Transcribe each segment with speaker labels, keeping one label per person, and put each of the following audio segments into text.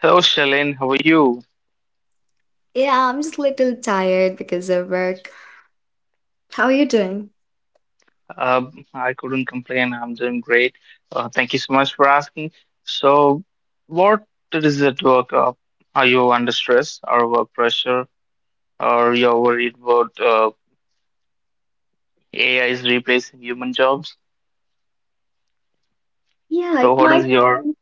Speaker 1: Hello, Shalin. How are you?
Speaker 2: Yeah, I'm just a little tired because of work. How are you doing?
Speaker 1: I couldn't complain. I'm doing great. Thank you so much for asking. So, what is it work of? Are you under stress or work pressure, or you're worried about AI is replacing human jobs?
Speaker 2: Yeah,
Speaker 1: So,
Speaker 2: it
Speaker 1: what is
Speaker 2: might
Speaker 1: your
Speaker 2: be.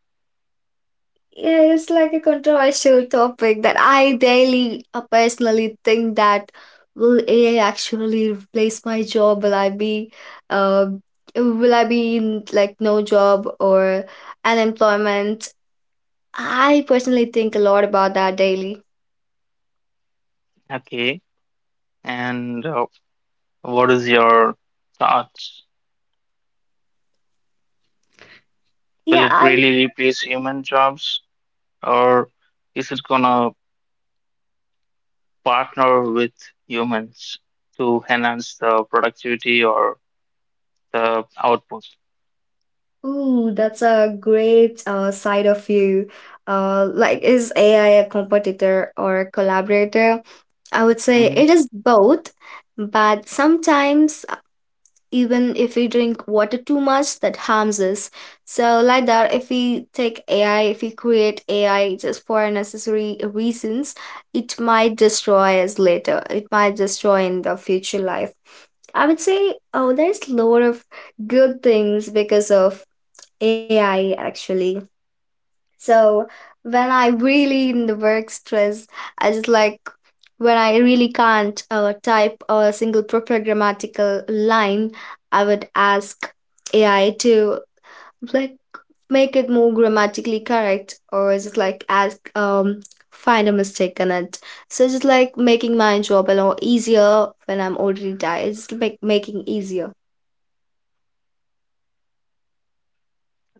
Speaker 2: Yeah, it's like a controversial topic that I daily personally think that will AI actually replace my job? Uh, will I be in like no job or unemployment? I personally think a lot about that daily.
Speaker 1: okay, and what is your thoughts? Will
Speaker 2: Yeah,
Speaker 1: it
Speaker 2: I
Speaker 1: really replace human jobs, or is it gonna partner with humans to enhance the productivity or the output.
Speaker 2: Ooh, that's a great side of you. Like, is AI a competitor or a collaborator? I would say
Speaker 1: Hmm
Speaker 2: it is both, but sometimes even if we drink water too much, that harms us. So, like that, if we take AI, if we create AI just for unnecessary reasons, it might destroy us later. It might destroy in the future life. I would say, oh, there's a lot of good things because of AI actually. So when I really in the work stress, I just like when I really can't type a single proper grammatical line, I would ask AI to like make it more grammatically correct or just like ask find a mistake in it. So just like making my job a lot easier when I'm already tired, just make making easier.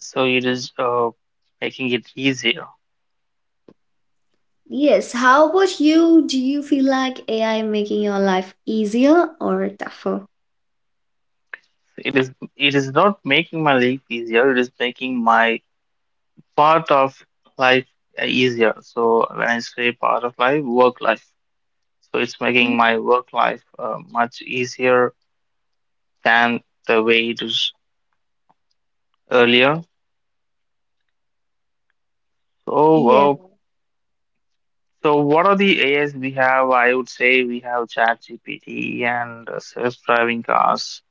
Speaker 1: So it is making it easier.
Speaker 2: Yes, how about you? Do you feel like AI making your life easier or tougher?
Speaker 1: It is not making my life easier. It is making my part of life easier. So when I say part of life, work life. So it's making
Speaker 2: Mhm.
Speaker 1: my work life much easier than the way it was earlier. So,
Speaker 2: Yeah,
Speaker 1: uh, so what are the AIs we have? I would say we have ChatGPT and self-driving cars,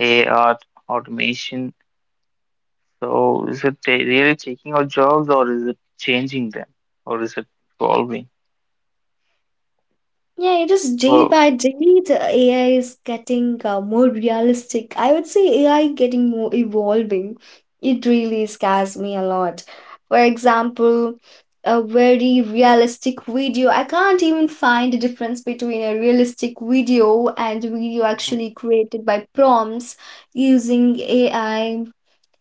Speaker 1: AR automation. So is it really taking our jobs or is it changing them or is it evolving?
Speaker 2: yeah, it is day
Speaker 1: So
Speaker 2: by day the AI is getting more realistic. I would say AI getting more evolving. It really scares me a lot. For example, a very realistic video. I can't even find a difference between a realistic video and video
Speaker 1: Mhm.
Speaker 2: actually created by prompts using AI.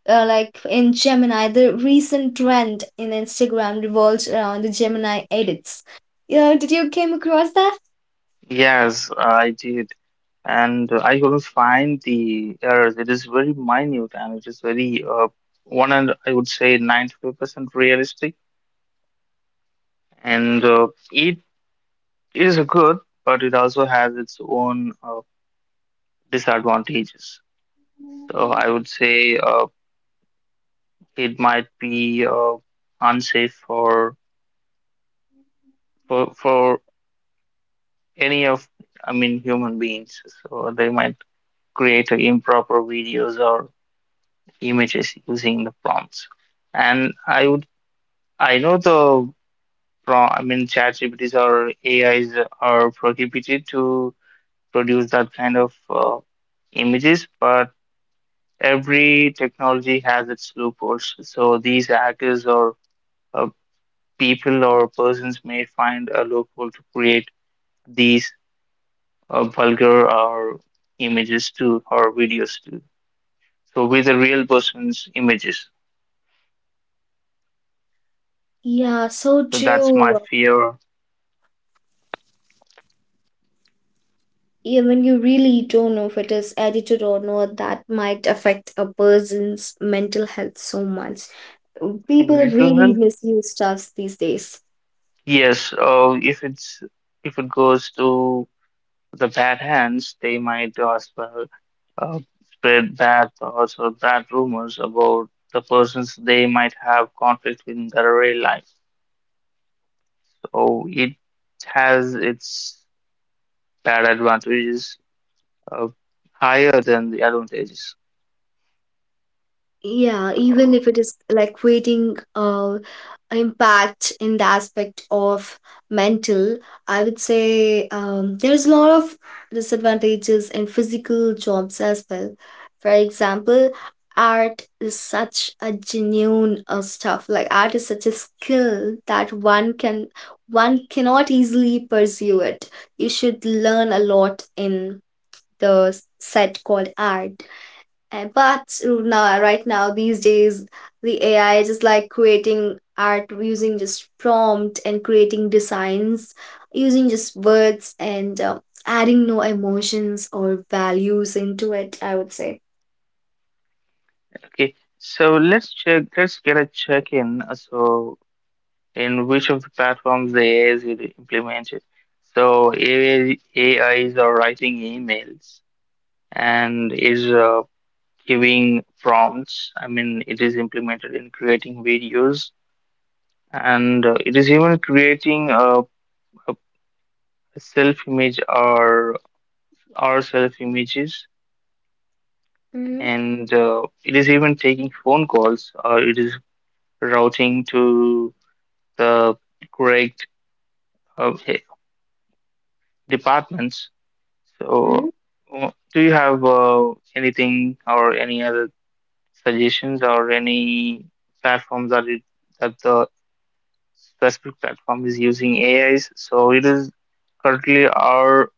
Speaker 2: Like in Gemini, the recent trend in Instagram revolves around the Gemini edits. Yeah, did you came across that?
Speaker 1: Yes, I did. And I couldn't find the errors. It is very minute and it is very one and I would say 95% realistic. And it is good, but it also has its own disadvantages. So I would say it might be unsafe for for any of I mean human beings. So they might create improper videos or images using the prompts. And I would I know the pro I mean ChatGPTs or AIs are prohibited to produce that kind of images, but every technology has its loopholes. So these hackers or uh, people or persons may find a loophole to create these vulgar or images too or videos too. So with the real person's images.
Speaker 2: Yeah, so
Speaker 1: So that's my
Speaker 2: true.
Speaker 1: fear
Speaker 2: Even you really don't know if it is edited or not, that might affect a person's mental health so much.
Speaker 1: in
Speaker 2: People
Speaker 1: mental
Speaker 2: really
Speaker 1: health.
Speaker 2: misuse stuff these days.
Speaker 1: Yes, if it's if it goes to the bad hands, they might as well uh, spread bad thoughts or bad rumors about the persons they might have conflict with in their real life. So it has its bad advantages uh, higher than the advantages.
Speaker 2: Yeah, even if
Speaker 1: So,
Speaker 2: it is like creating impact in the aspect of mental, I would say there's a lot of disadvantages in physical jobs as well. For example, art is such a genuine stuff. Like art is such a skill that one cannot easily pursue it. You should learn a lot in the set called art But now, right now, these days, the AI is just like creating art using just prompt and creating designs using just words and adding no emotions or values into it, I would say.
Speaker 1: okay, so let's check. Let's get a check in. So, in which of the platforms the AI is really implemented? So, AI, AIs are writing emails and is giving prompts. I mean, it is implemented in creating videos and it is even creating a self image or our self images
Speaker 2: Hmm.
Speaker 1: and it is even taking phone calls or it is routing to the correct uh, he- departments. So, do you have anything or any other suggestions or any platforms that it that the specific platform is using AIs? So it is currently our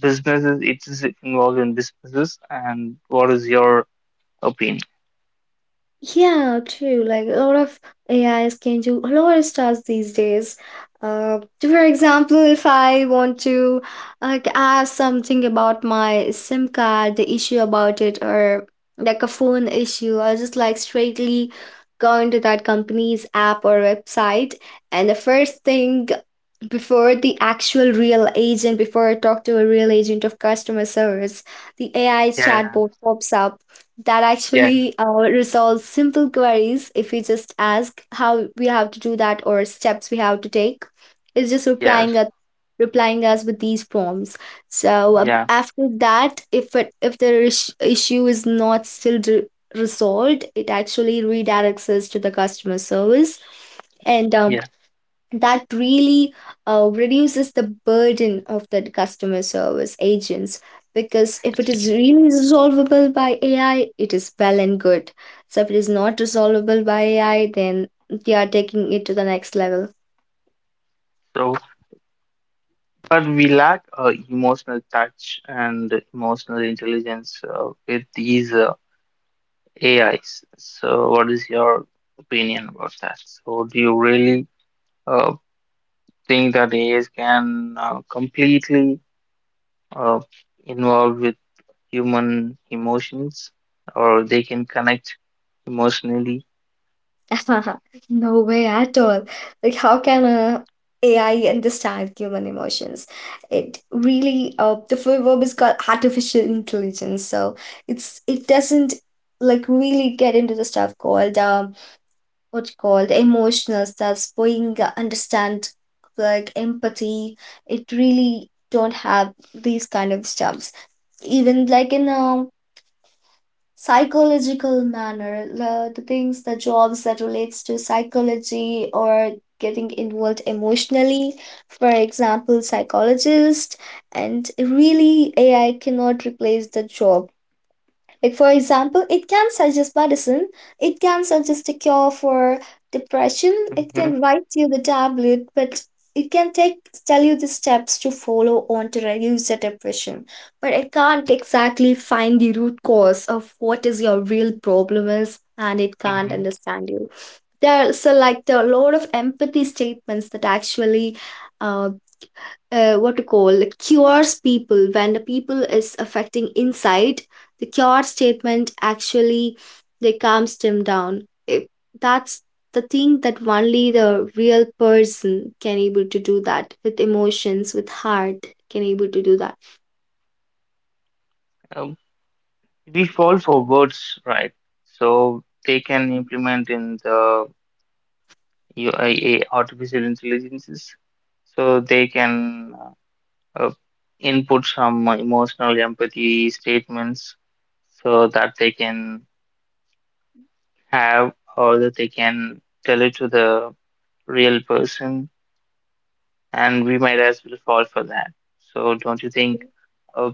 Speaker 1: businesses. It is involved in businesses, and what is your opinion?
Speaker 2: Yeah, true. Like a lot of AIs can do a lot of tasks these days. For example, if I want to like ask something about my SIM card, the issue about it, or like a phone issue, I just like straightly go into that company's app or website, and the first thing before the actual real agent, before I talk to a real agent of customer service, the AI
Speaker 1: Yeah,
Speaker 2: chatbot pops up that
Speaker 1: yeah,
Speaker 2: actually resolves simple queries. If we just ask how we have to do that or steps we have to take, it's just
Speaker 1: yes,
Speaker 2: replying us with these prompts. So
Speaker 1: yeah.
Speaker 2: after that, if it if the issue is not still resolved, it actually redirects us to the customer service, and
Speaker 1: Yeah.
Speaker 2: that really reduces the burden of the customer service agents, because if it is really resolvable by AI, it is well and good. So if it is not resolvable by AI, then they are taking it to the next level.
Speaker 1: So, but we lack emotional touch and emotional intelligence with these AIs. So, what is your opinion about that? So, do you really uh, think that AIs can completely uh, involve with human emotions, or they can connect emotionally?
Speaker 2: No way at all. Like how can a AI understand human emotions? It really the full verb is called artificial intelligence. So it doesn't like really get into the stuff called what's called emotional selves being understand like empathy. It really don't have these kind of stuffs, even like in a psychological manner. The things, the jobs that relates to psychology or getting involved emotionally, for example psychologist, and really AI cannot replace the job. Like, for example, it can suggest medicine, it can suggest a cure for depression, it
Speaker 1: Hmm
Speaker 2: can write you the tablet, but it can take tell you the steps to follow on to reduce the depression. But it can't exactly find the root cause of what is your real problem is, and it can't
Speaker 1: hmm
Speaker 2: understand you. There's a, like there are a lot of empathy statements that actually uh what to call cures people when the people is affecting inside. The cure statement actually, they calms them down, that's the thing that only the real person can able to do that, with emotions, with heart, can able to do that.
Speaker 1: Um, we fall for words, right? So they can implement in the UIA artificial intelligences so they can uh, input some emotional empathy statements so that they can have or that they can tell it to the real person and we might as well fall for that so don't you think uh,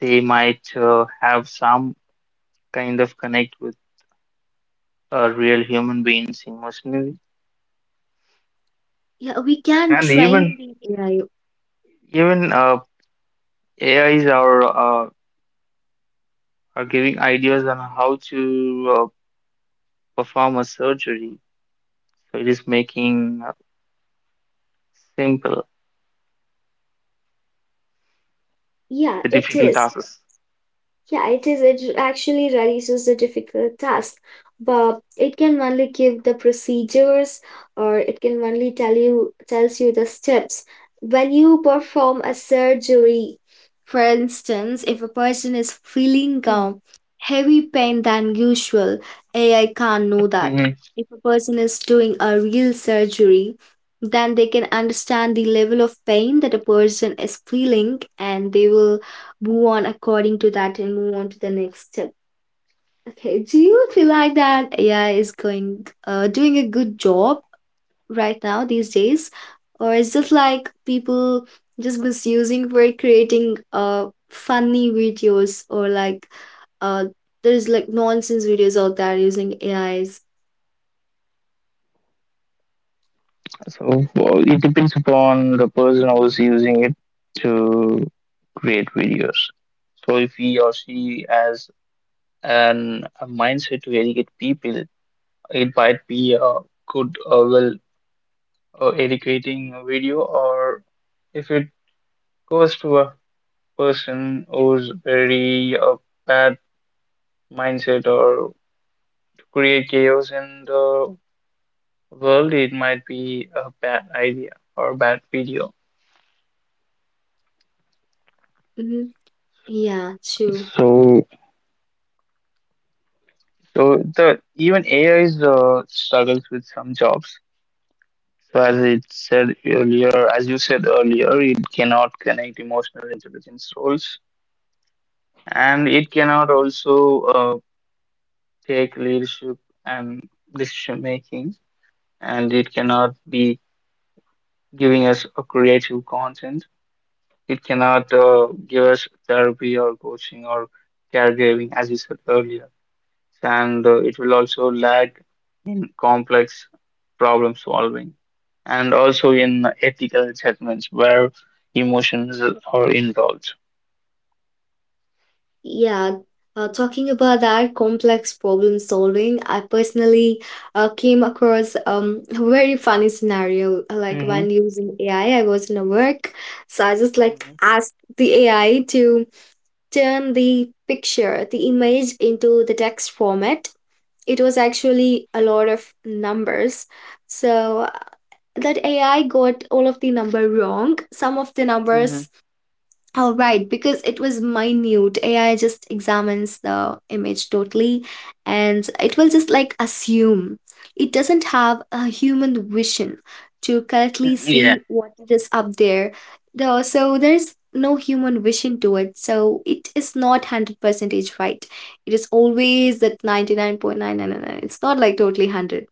Speaker 1: they might have some kind of connect with real human beings emotionally
Speaker 2: Yeah, we can
Speaker 1: and
Speaker 2: train
Speaker 1: even
Speaker 2: the AI.
Speaker 1: even A is are or giving ideas on how to perform a surgery. So it is making simple
Speaker 2: Yeah,
Speaker 1: the
Speaker 2: it
Speaker 1: difficult
Speaker 2: is.
Speaker 1: tasks.
Speaker 2: Yeah, it is. It actually reduces the difficult task, but it can only give the procedures, or it can only tells you the steps. When you perform a surgery, for instance, if a person is feeling
Speaker 1: Mm.
Speaker 2: heavy pain than usual, AI can't know that.
Speaker 1: hmm
Speaker 2: If a person is doing a real surgery, then they can understand the level of pain that a person is feeling, and they will move on according to that and move on to the next step. Okay, do you feel like that AI is going doing a good job right now these days, or is just like people just misusing for creating funny videos, or like uh there's like nonsense videos out there using AIs?
Speaker 1: So well, it depends upon the person who's using it to create videos. So if he or she has an a mindset to educate people, it might be a good well educating video, or if it goes to a person who's very bad mindset or to create chaos in the world, it might be a bad idea or a bad video.
Speaker 2: Mm-hmm. Yeah, true.
Speaker 1: So, so the even AI is struggles with some jobs. So as it said earlier, as you said earlier, it cannot connect emotional intelligence roles, and it cannot also take leadership and decision making, and it cannot be giving us a creative content. It cannot give us therapy or coaching or caregiving, as we said earlier. And it will also lag in complex problem solving and also in ethical judgments where emotions are involved.
Speaker 2: Yeah, talking about that complex problem solving, I personally came across a very funny scenario. Like
Speaker 1: Hmm
Speaker 2: when using AI, I was in a work, so I just like
Speaker 1: hmm
Speaker 2: asked the AI to turn the picture, the image into the text format. It was actually a lot of numbers. So that AI got all of the number wrong. Some of the
Speaker 1: hmm
Speaker 2: numbers oh, right, because it was minute. AI just examines the image totally and it will just like assume. It doesn't have a human vision to correctly
Speaker 1: Yeah,
Speaker 2: see what it is up there. Though, so there's no human vision to it. So it is not 100% right. It is always that 99.999. It's not like totally 100.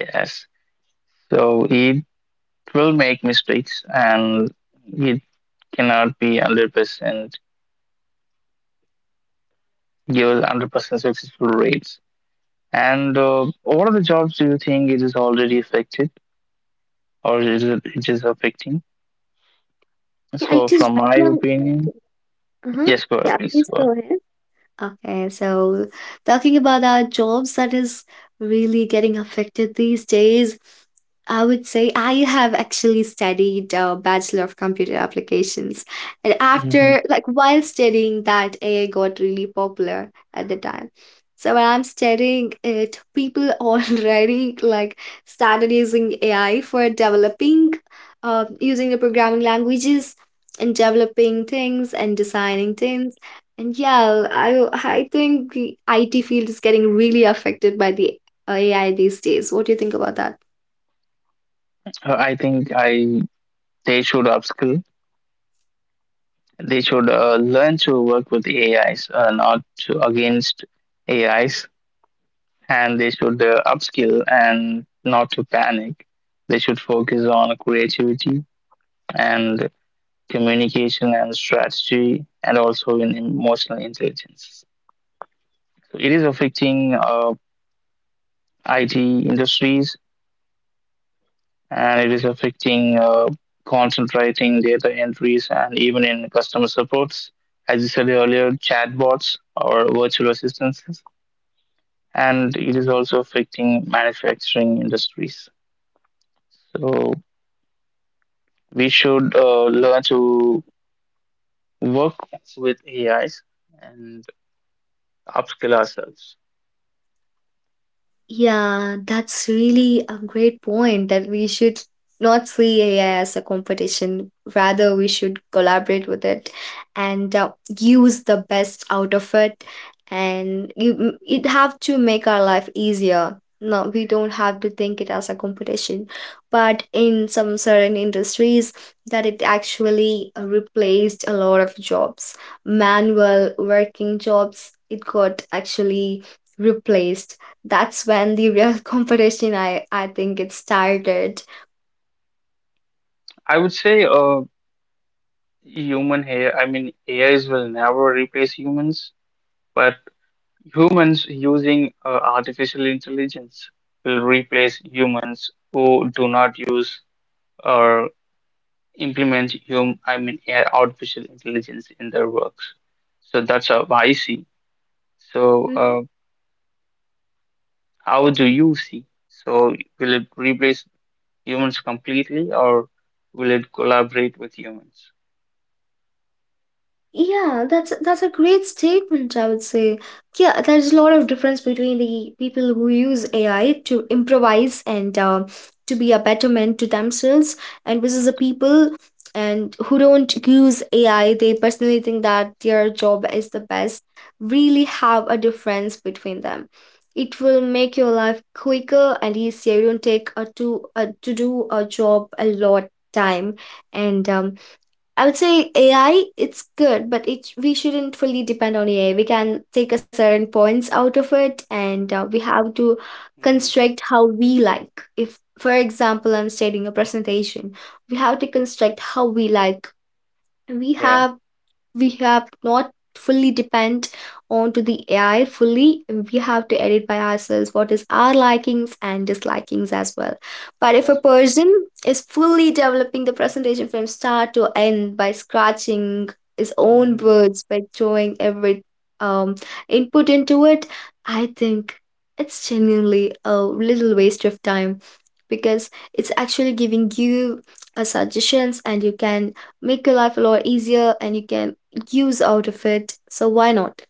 Speaker 1: yes. So it will make mistakes and it cannot be 100% give us 100% successful rates. And what are the jobs do you think it is already affected or is it, it is affecting?
Speaker 2: Yeah,
Speaker 1: So,
Speaker 2: it is
Speaker 1: from
Speaker 2: right
Speaker 1: my
Speaker 2: now.
Speaker 1: opinion,
Speaker 2: Okay. Uh-huh.
Speaker 1: yes, go ahead,
Speaker 2: Yeah,
Speaker 1: please
Speaker 2: please
Speaker 1: go
Speaker 2: go ahead. Okay, so talking about our jobs that is really getting affected these days, I would say I have actually studied Bachelor of Computer Applications. And
Speaker 1: ahead. Hmm
Speaker 2: after, like, while studying that, AI got really popular at the time. So when I'm studying it, people already like started using AI for developing, using the programming languages and developing things and designing things. And yeah, I think the IT field is getting really affected by the AI these days. What do you think about that?
Speaker 1: I think I they should upskill. They should learn to work with AIs, not to, against AIs, and they should upskill and not to panic. They should focus on creativity and communication and strategy, and also in emotional intelligence. It is affecting IT industries and it is affecting concentrating data entries and even in customer supports. As you said earlier, chatbots or virtual assistants, and it is also affecting manufacturing industries. So we should learn to work with AIs and upskill ourselves.
Speaker 2: Yeah, that's really a great point that we should not see AI as a competition. Rather, we should collaborate with it and use the best out of it. And you, it have to make our life easier. No, we don't have to think it as a competition, but in some certain industries, that it actually replaced a lot of jobs, manual working jobs. It got actually replaced. That's when the real competition I think it started.
Speaker 1: I would say human AI, I mean, AIs will never replace humans, but humans using artificial intelligence will replace humans who do not use or implement hum I mean AI artificial intelligence in their works. So that's how I see. So
Speaker 2: Mhm.
Speaker 1: how do you see? So will it replace humans completely or will it collaborate with humans?
Speaker 2: Yeah, that's a great statement, I would say. Yeah, there's a lot of difference between the people who use AI to improvise and to be a betterment to themselves, and versus the people and who don't use AI. They personally think that their job is the best. Really have a difference between them. It will make your life quicker and easier. You don't take a to do a job a lot time, and I would say AI, it's good, but it we shouldn't fully depend on AI. We can take a certain points out of it, and we have to
Speaker 1: Mm,
Speaker 2: construct how we like. If, for example, I'm stating a presentation, we have to construct how we like. We
Speaker 1: yeah,
Speaker 2: have we have not fully depend on to the AI fully. We have to edit by ourselves what is our likings and dislikings as well. But if a
Speaker 1: yes,
Speaker 2: person is fully developing the presentation from start to end by scratching his own
Speaker 1: hmm
Speaker 2: words, by throwing every um, input into it, I think it's genuinely a little waste of time, because it's actually giving you suggestions and you can make your life a lot easier, and you can use out of it. So why not?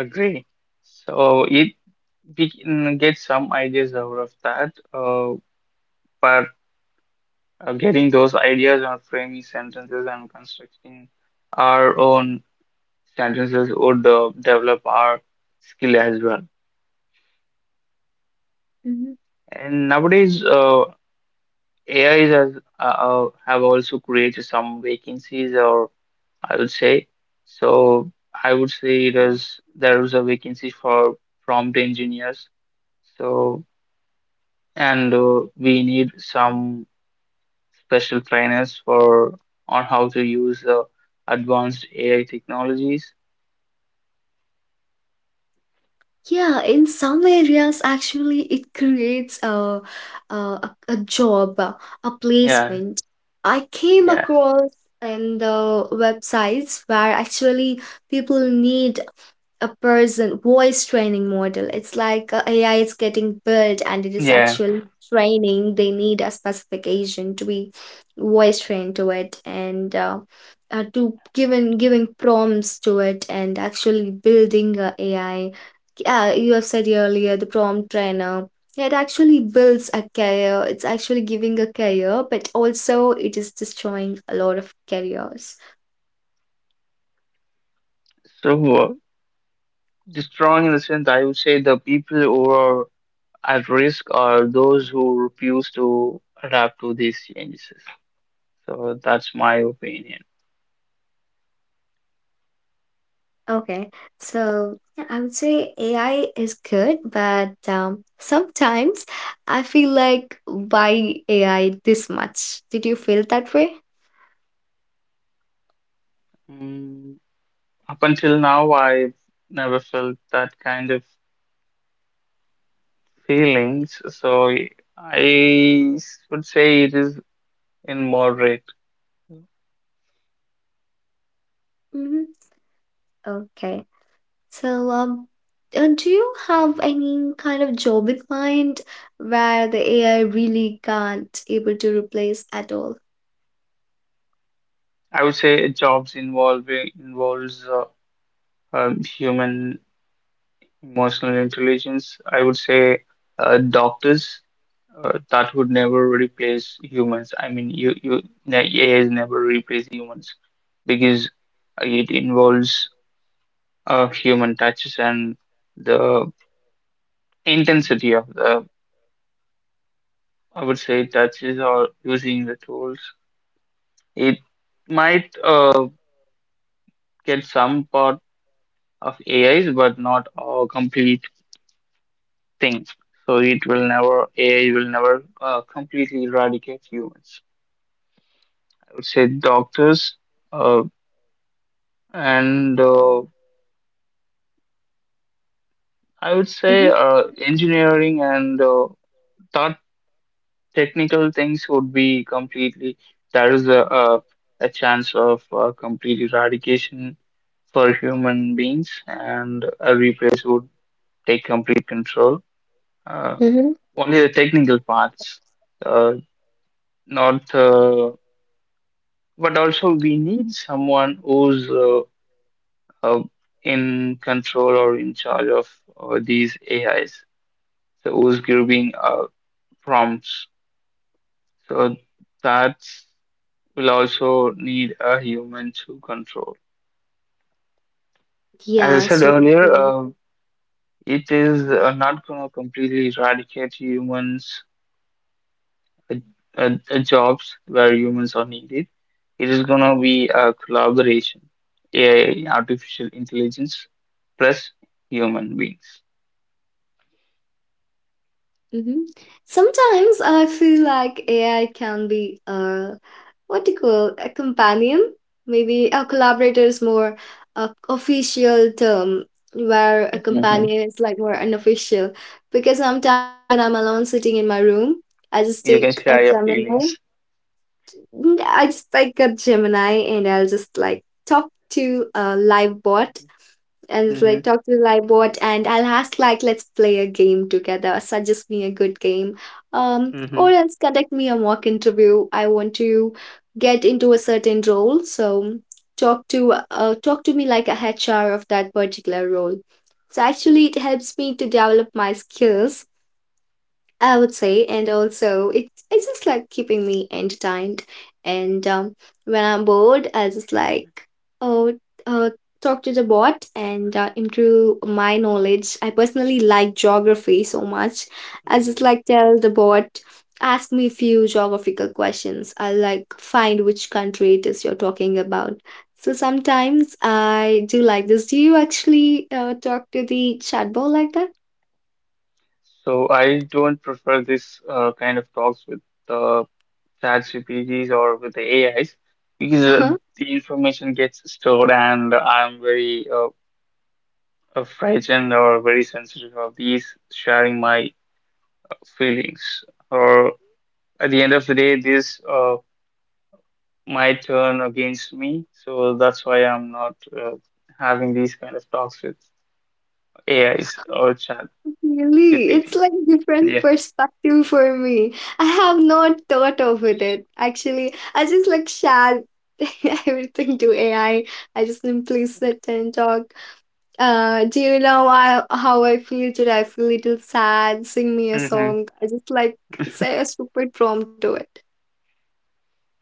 Speaker 1: agree. So it we can get some ideas out of that. But getting those ideas and framing sentences and constructing our own sentences would develop our skill as well.
Speaker 2: Mhm.
Speaker 1: And nowadays, AIs has, have also created some vacancies, or I would say, so I would say there is a vacancy for prompt engineers. So and we need some special trainers for on how to use advanced AI technologies.
Speaker 2: Yeah, in some areas, actually, it creates a job, a
Speaker 1: Yeah,
Speaker 2: placement. I came
Speaker 1: yeah,
Speaker 2: across in the websites where actually people need a person voice training model. It's like AI is getting built, and it is
Speaker 1: yeah.
Speaker 2: actually training. They need a specification to be voice trained to it, and to given giving prompts to it and actually building a AI. Yeah, you have said earlier, the prompt trainer. Yeah, it actually builds a career. It's actually giving a career, but also it is destroying a lot of careers.
Speaker 1: So, strong in the sense, I would say the people who are at risk are those who refuse to adapt to these changes. So that's my opinion.
Speaker 2: Okay, so yeah, I would say AI is good, but sometimes I feel like, why AI this much? Did you feel that way?
Speaker 1: Mm, up until now, I've never felt that kind of feelings. So I would say it is in moderate.
Speaker 2: Mm-hmm. Okay, so do you have any kind of job in mind where the AI really can't able to replace at all?
Speaker 1: I would say jobs involving involves human emotional intelligence, I would say doctors that would never replace humans. I mean, AI never replace humans because it involves human touches and the intensity of the, I would say, touches or using the tools. It might get some part of AIs, but not a complete thing. So it will never, AI will never completely eradicate humans. Would say doctors, uh, and I would say
Speaker 2: Hmm.
Speaker 1: engineering and that technical things would be completely, there is a chance of complete eradication for human beings, and a replace would take complete control. Uh,
Speaker 2: Hmm.
Speaker 1: Only the technical parts, uh, not, but also we need someone who's uh, in control or in charge of these AIs. So who's giving prompts. So that will also need a human to control. As I
Speaker 2: Yeah,
Speaker 1: said
Speaker 2: so
Speaker 1: earlier,
Speaker 2: so
Speaker 1: it is not going to completely eradicate humans' uh, jobs where humans are needed. It is going to be a collaboration, AI, artificial intelligence plus human beings.
Speaker 2: hmm. Sometimes I feel like AI can be what do you call, a companion? Maybe a collaborator is more a official term, where a
Speaker 1: Mhm.
Speaker 2: companion is like more unofficial. Because sometimes when I'm alone sitting in my room, I just
Speaker 1: You can
Speaker 2: take a
Speaker 1: share your
Speaker 2: Gemini.
Speaker 1: feelings.
Speaker 2: Mm, I just like a Gemini, and I'll just like talk to a live bot, and it's
Speaker 1: Mm-hmm.
Speaker 2: like talk to the live bot and I'll ask like, let's play a game together. Suggest me a good game. Um,
Speaker 1: Mm-hmm.
Speaker 2: or else conduct me a mock interview. I want to get into a certain role. So talk to me like a H R of that particular role. So actually it helps me to develop my skills, I would say, and also it's just like keeping me entertained. And when I'm bored, I just like, oh uh, talk to the bot and improve my knowledge. I personally like geography so much. I just
Speaker 1: hmm
Speaker 2: like tell the bot, ask me few geographical questions. I like find which country it is you're talking about. So sometimes I do like this. Do you actually talk to the chatbot like that?
Speaker 1: So I don't prefer this kind of talks with the chat GPTs or with the AIs because the information gets stored and I'm very frightened or very sensitive of these sharing my feelings. Or at the end of the day, this might turn against me. So that's why I'm not having these kind of talks with AIs or chat
Speaker 2: Really, it's
Speaker 1: GPTs.
Speaker 2: like different
Speaker 1: Yeah.
Speaker 2: perspective for me. I have not thought of it actually. I just like share everything to AI. I just simply sit and talk. Do you know I, how I feel today? I feel a little sad. Sing me a
Speaker 1: Mhm.
Speaker 2: song. I just like say a stupid prompt to it.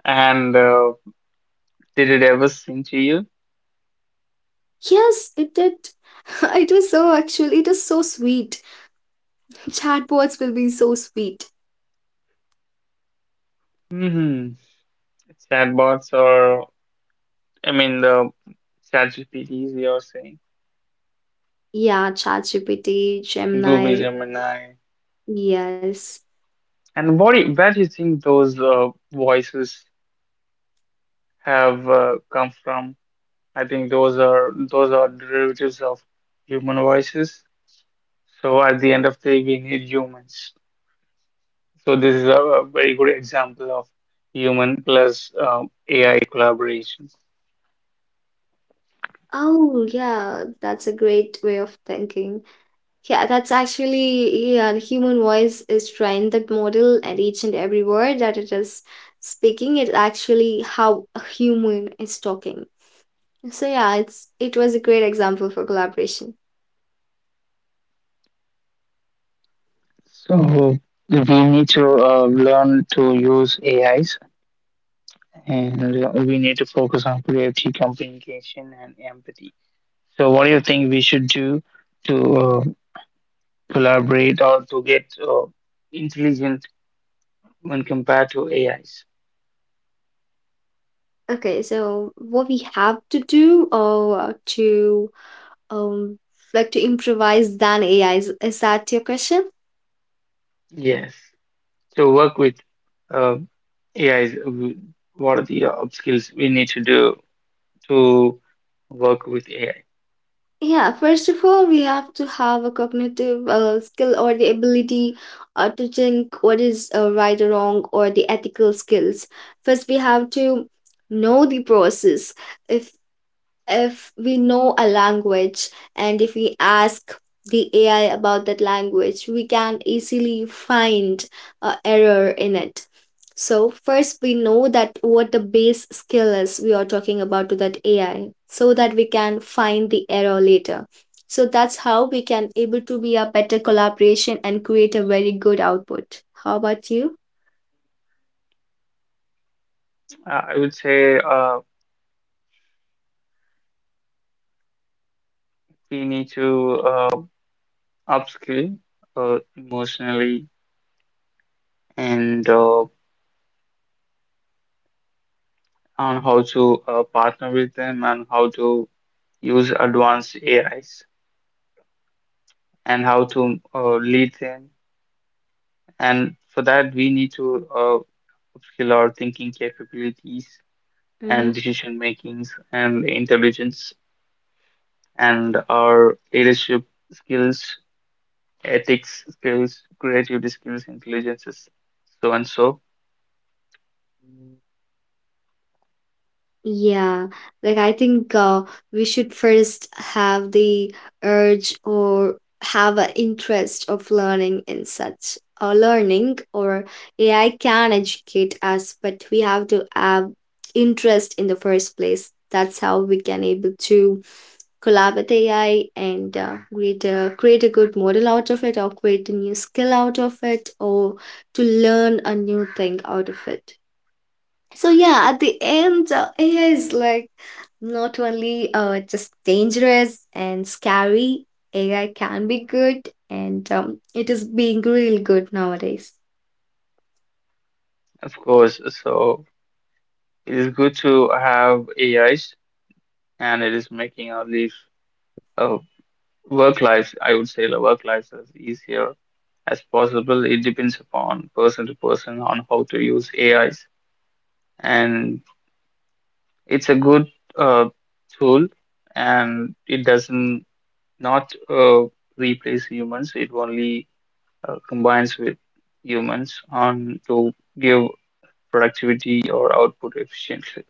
Speaker 1: And did it ever sing to you?
Speaker 2: Yes, it did. It was so actually. It is so sweet. Chatbots will be so sweet.
Speaker 1: Hmm Chatbots or, I mean, the ChatGPTs you're saying,
Speaker 2: Yeah, ChatGPT,
Speaker 1: Google
Speaker 2: Gemini.
Speaker 1: Gemini.
Speaker 2: Yes.
Speaker 1: And what do where do you think those voices have come from? I think those are derivatives of human voices. So at the end of the day, we need humans. So this is a very good example of human plus AI collaboration.
Speaker 2: Oh, yeah, that's a great way of thinking. Yeah, that's actually, yeah, the human voice is trying that model, and each and every word that it is speaking, it's actually how a human is talking. So yeah, it was a great example for collaboration.
Speaker 1: So we need to learn to use AIs and we need to focus on creativity, communication, and empathy. So, what do you think we should do to collaborate or to get intelligent when compared to AIs?
Speaker 2: Okay, so what we have to do, or to um like to improvise than AI is that your question?
Speaker 1: Yes. So, work with uh, AIs. What are the skills we need to do to work with AI?
Speaker 2: Yeah, first of all, we have to have a cognitive skill or the ability to think what is right or wrong, or the ethical skills. First, we have to know the process. If if we know a language, and if we ask the AI about that language, we can easily find a error in it. So first we know that what the base skill is we are talking about to that AI, so that we can find the error later. So that's how we can able to be a better collaboration and create a very good output. How about you?
Speaker 1: I would say we need to. uh, Upskill emotionally and on how to partner with them and how to use advanced AIs and how to lead them. And for that, we need to upskill our thinking capabilities and decision makings and intelligence and our leadership skills, ethics skills, creativity skills, intelligences, so and so.
Speaker 2: Yeah, like I think we should first have the urge, or have an interest of learning in such learning or AI can educate us, but we have to have interest in the first place. That's how we can able to collab with AI, and create a good model out of it, or create a new skill out of it, or to learn a new thing out of it. So yeah, at the end, AI is like not only just dangerous and scary. AI can be good, and it is being really good nowadays.
Speaker 1: Of course, so it is good to have AIs, and it is making our life, uh, work lives, I would say, the work lives as easier as possible. It depends upon person to person on how to use AIs, and it's a good uh, tool, and it doesn't not replace humans. It only combines with humans on to give productivity or output efficiently.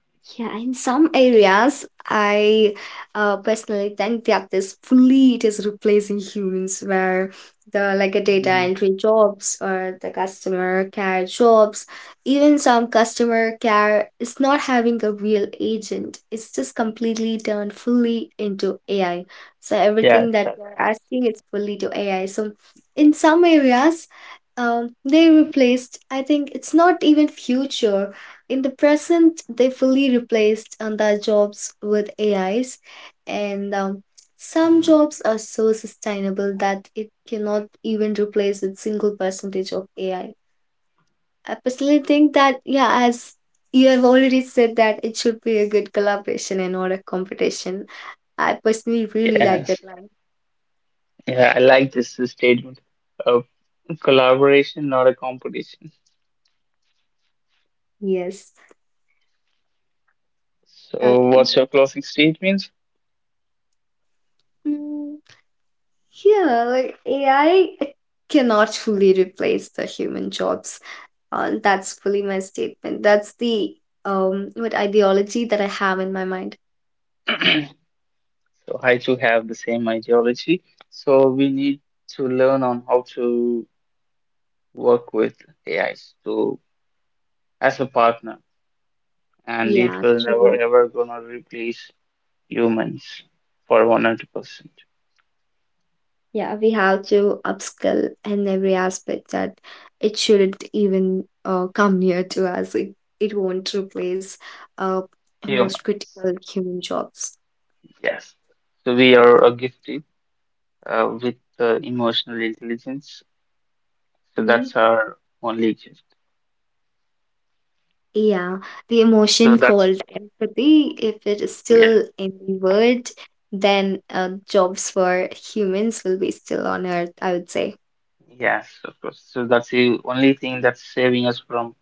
Speaker 2: Yeah, in some areas, I personally think that this fully it is replacing humans, where the like a data
Speaker 1: Mhm.
Speaker 2: entry jobs or the customer care jobs. Even some customer care is not having a real agent. It's just completely turned fully into AI. So
Speaker 1: Yeah,
Speaker 2: everything that you're
Speaker 1: chatbot.
Speaker 2: asking is fully to AI. So in some areas, they replaced. I think it's not even future, in the present, they fully replaced their jobs with AIs, and some jobs are so sustainable that it cannot even replace with single percentage of AI. I personally think that yeah, as you have already said, that it should be a good collaboration and not a competition. I personally really like that
Speaker 1: Yes.
Speaker 2: line.
Speaker 1: Yeah, I like this statement. Uh, Collaboration, not a competition.
Speaker 2: Yes.
Speaker 1: So,
Speaker 2: Okay.
Speaker 1: what's your closing statement?
Speaker 2: Mm, yeah, like AI cannot fully replace the human jobs. That's fully my statement. That's the what ideology that I have in my mind.
Speaker 1: So, I too have the same ideology. So, we need to learn on how to work with AI to as a partner, and it
Speaker 2: Yeah,
Speaker 1: will never
Speaker 2: true.
Speaker 1: ever gonna replace humans for 100%.
Speaker 2: Yeah, we have to upskill in every aspect, that it shouldn't even come near to us. It won't replace uh most
Speaker 1: Humans,
Speaker 2: critical human jobs.
Speaker 1: yes. So, we are gifted with emotional intelligence. So,
Speaker 2: Hmm.
Speaker 1: that's our only
Speaker 2: Yeah, the
Speaker 1: so
Speaker 2: emotion
Speaker 1: that's
Speaker 2: called empathy, if it is
Speaker 1: yeah,
Speaker 2: still in the word, then jobs for humans will be still on earth, I would say.
Speaker 1: yes, of course. So that's the only thing that's saving us from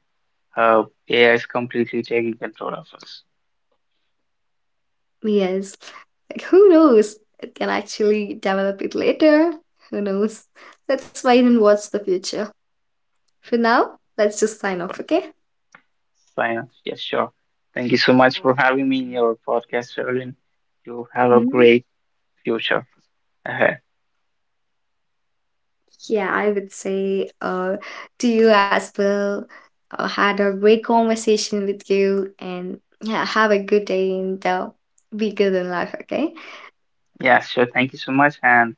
Speaker 1: AI is completely taking control of us.
Speaker 2: Yes. Like, who knows? It can actually develop it later. Who knows? Let's wait and watch the future. For now, let's just sign off, okay?
Speaker 1: Fine. Yes, sure. Thank you so much for having me in your podcast, Sherilyn. You have a
Speaker 2: Mm,
Speaker 1: great future ahead.
Speaker 2: yeah, I would say to you as well. Had a great conversation with you, and yeah, have a good day, and be good in life, okay?
Speaker 1: Yeah, sure. Thank you so much and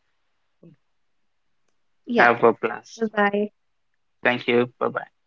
Speaker 2: Yeah,
Speaker 1: have a
Speaker 2: bye
Speaker 1: blast.
Speaker 2: bye.
Speaker 1: Thank you. Bye bye.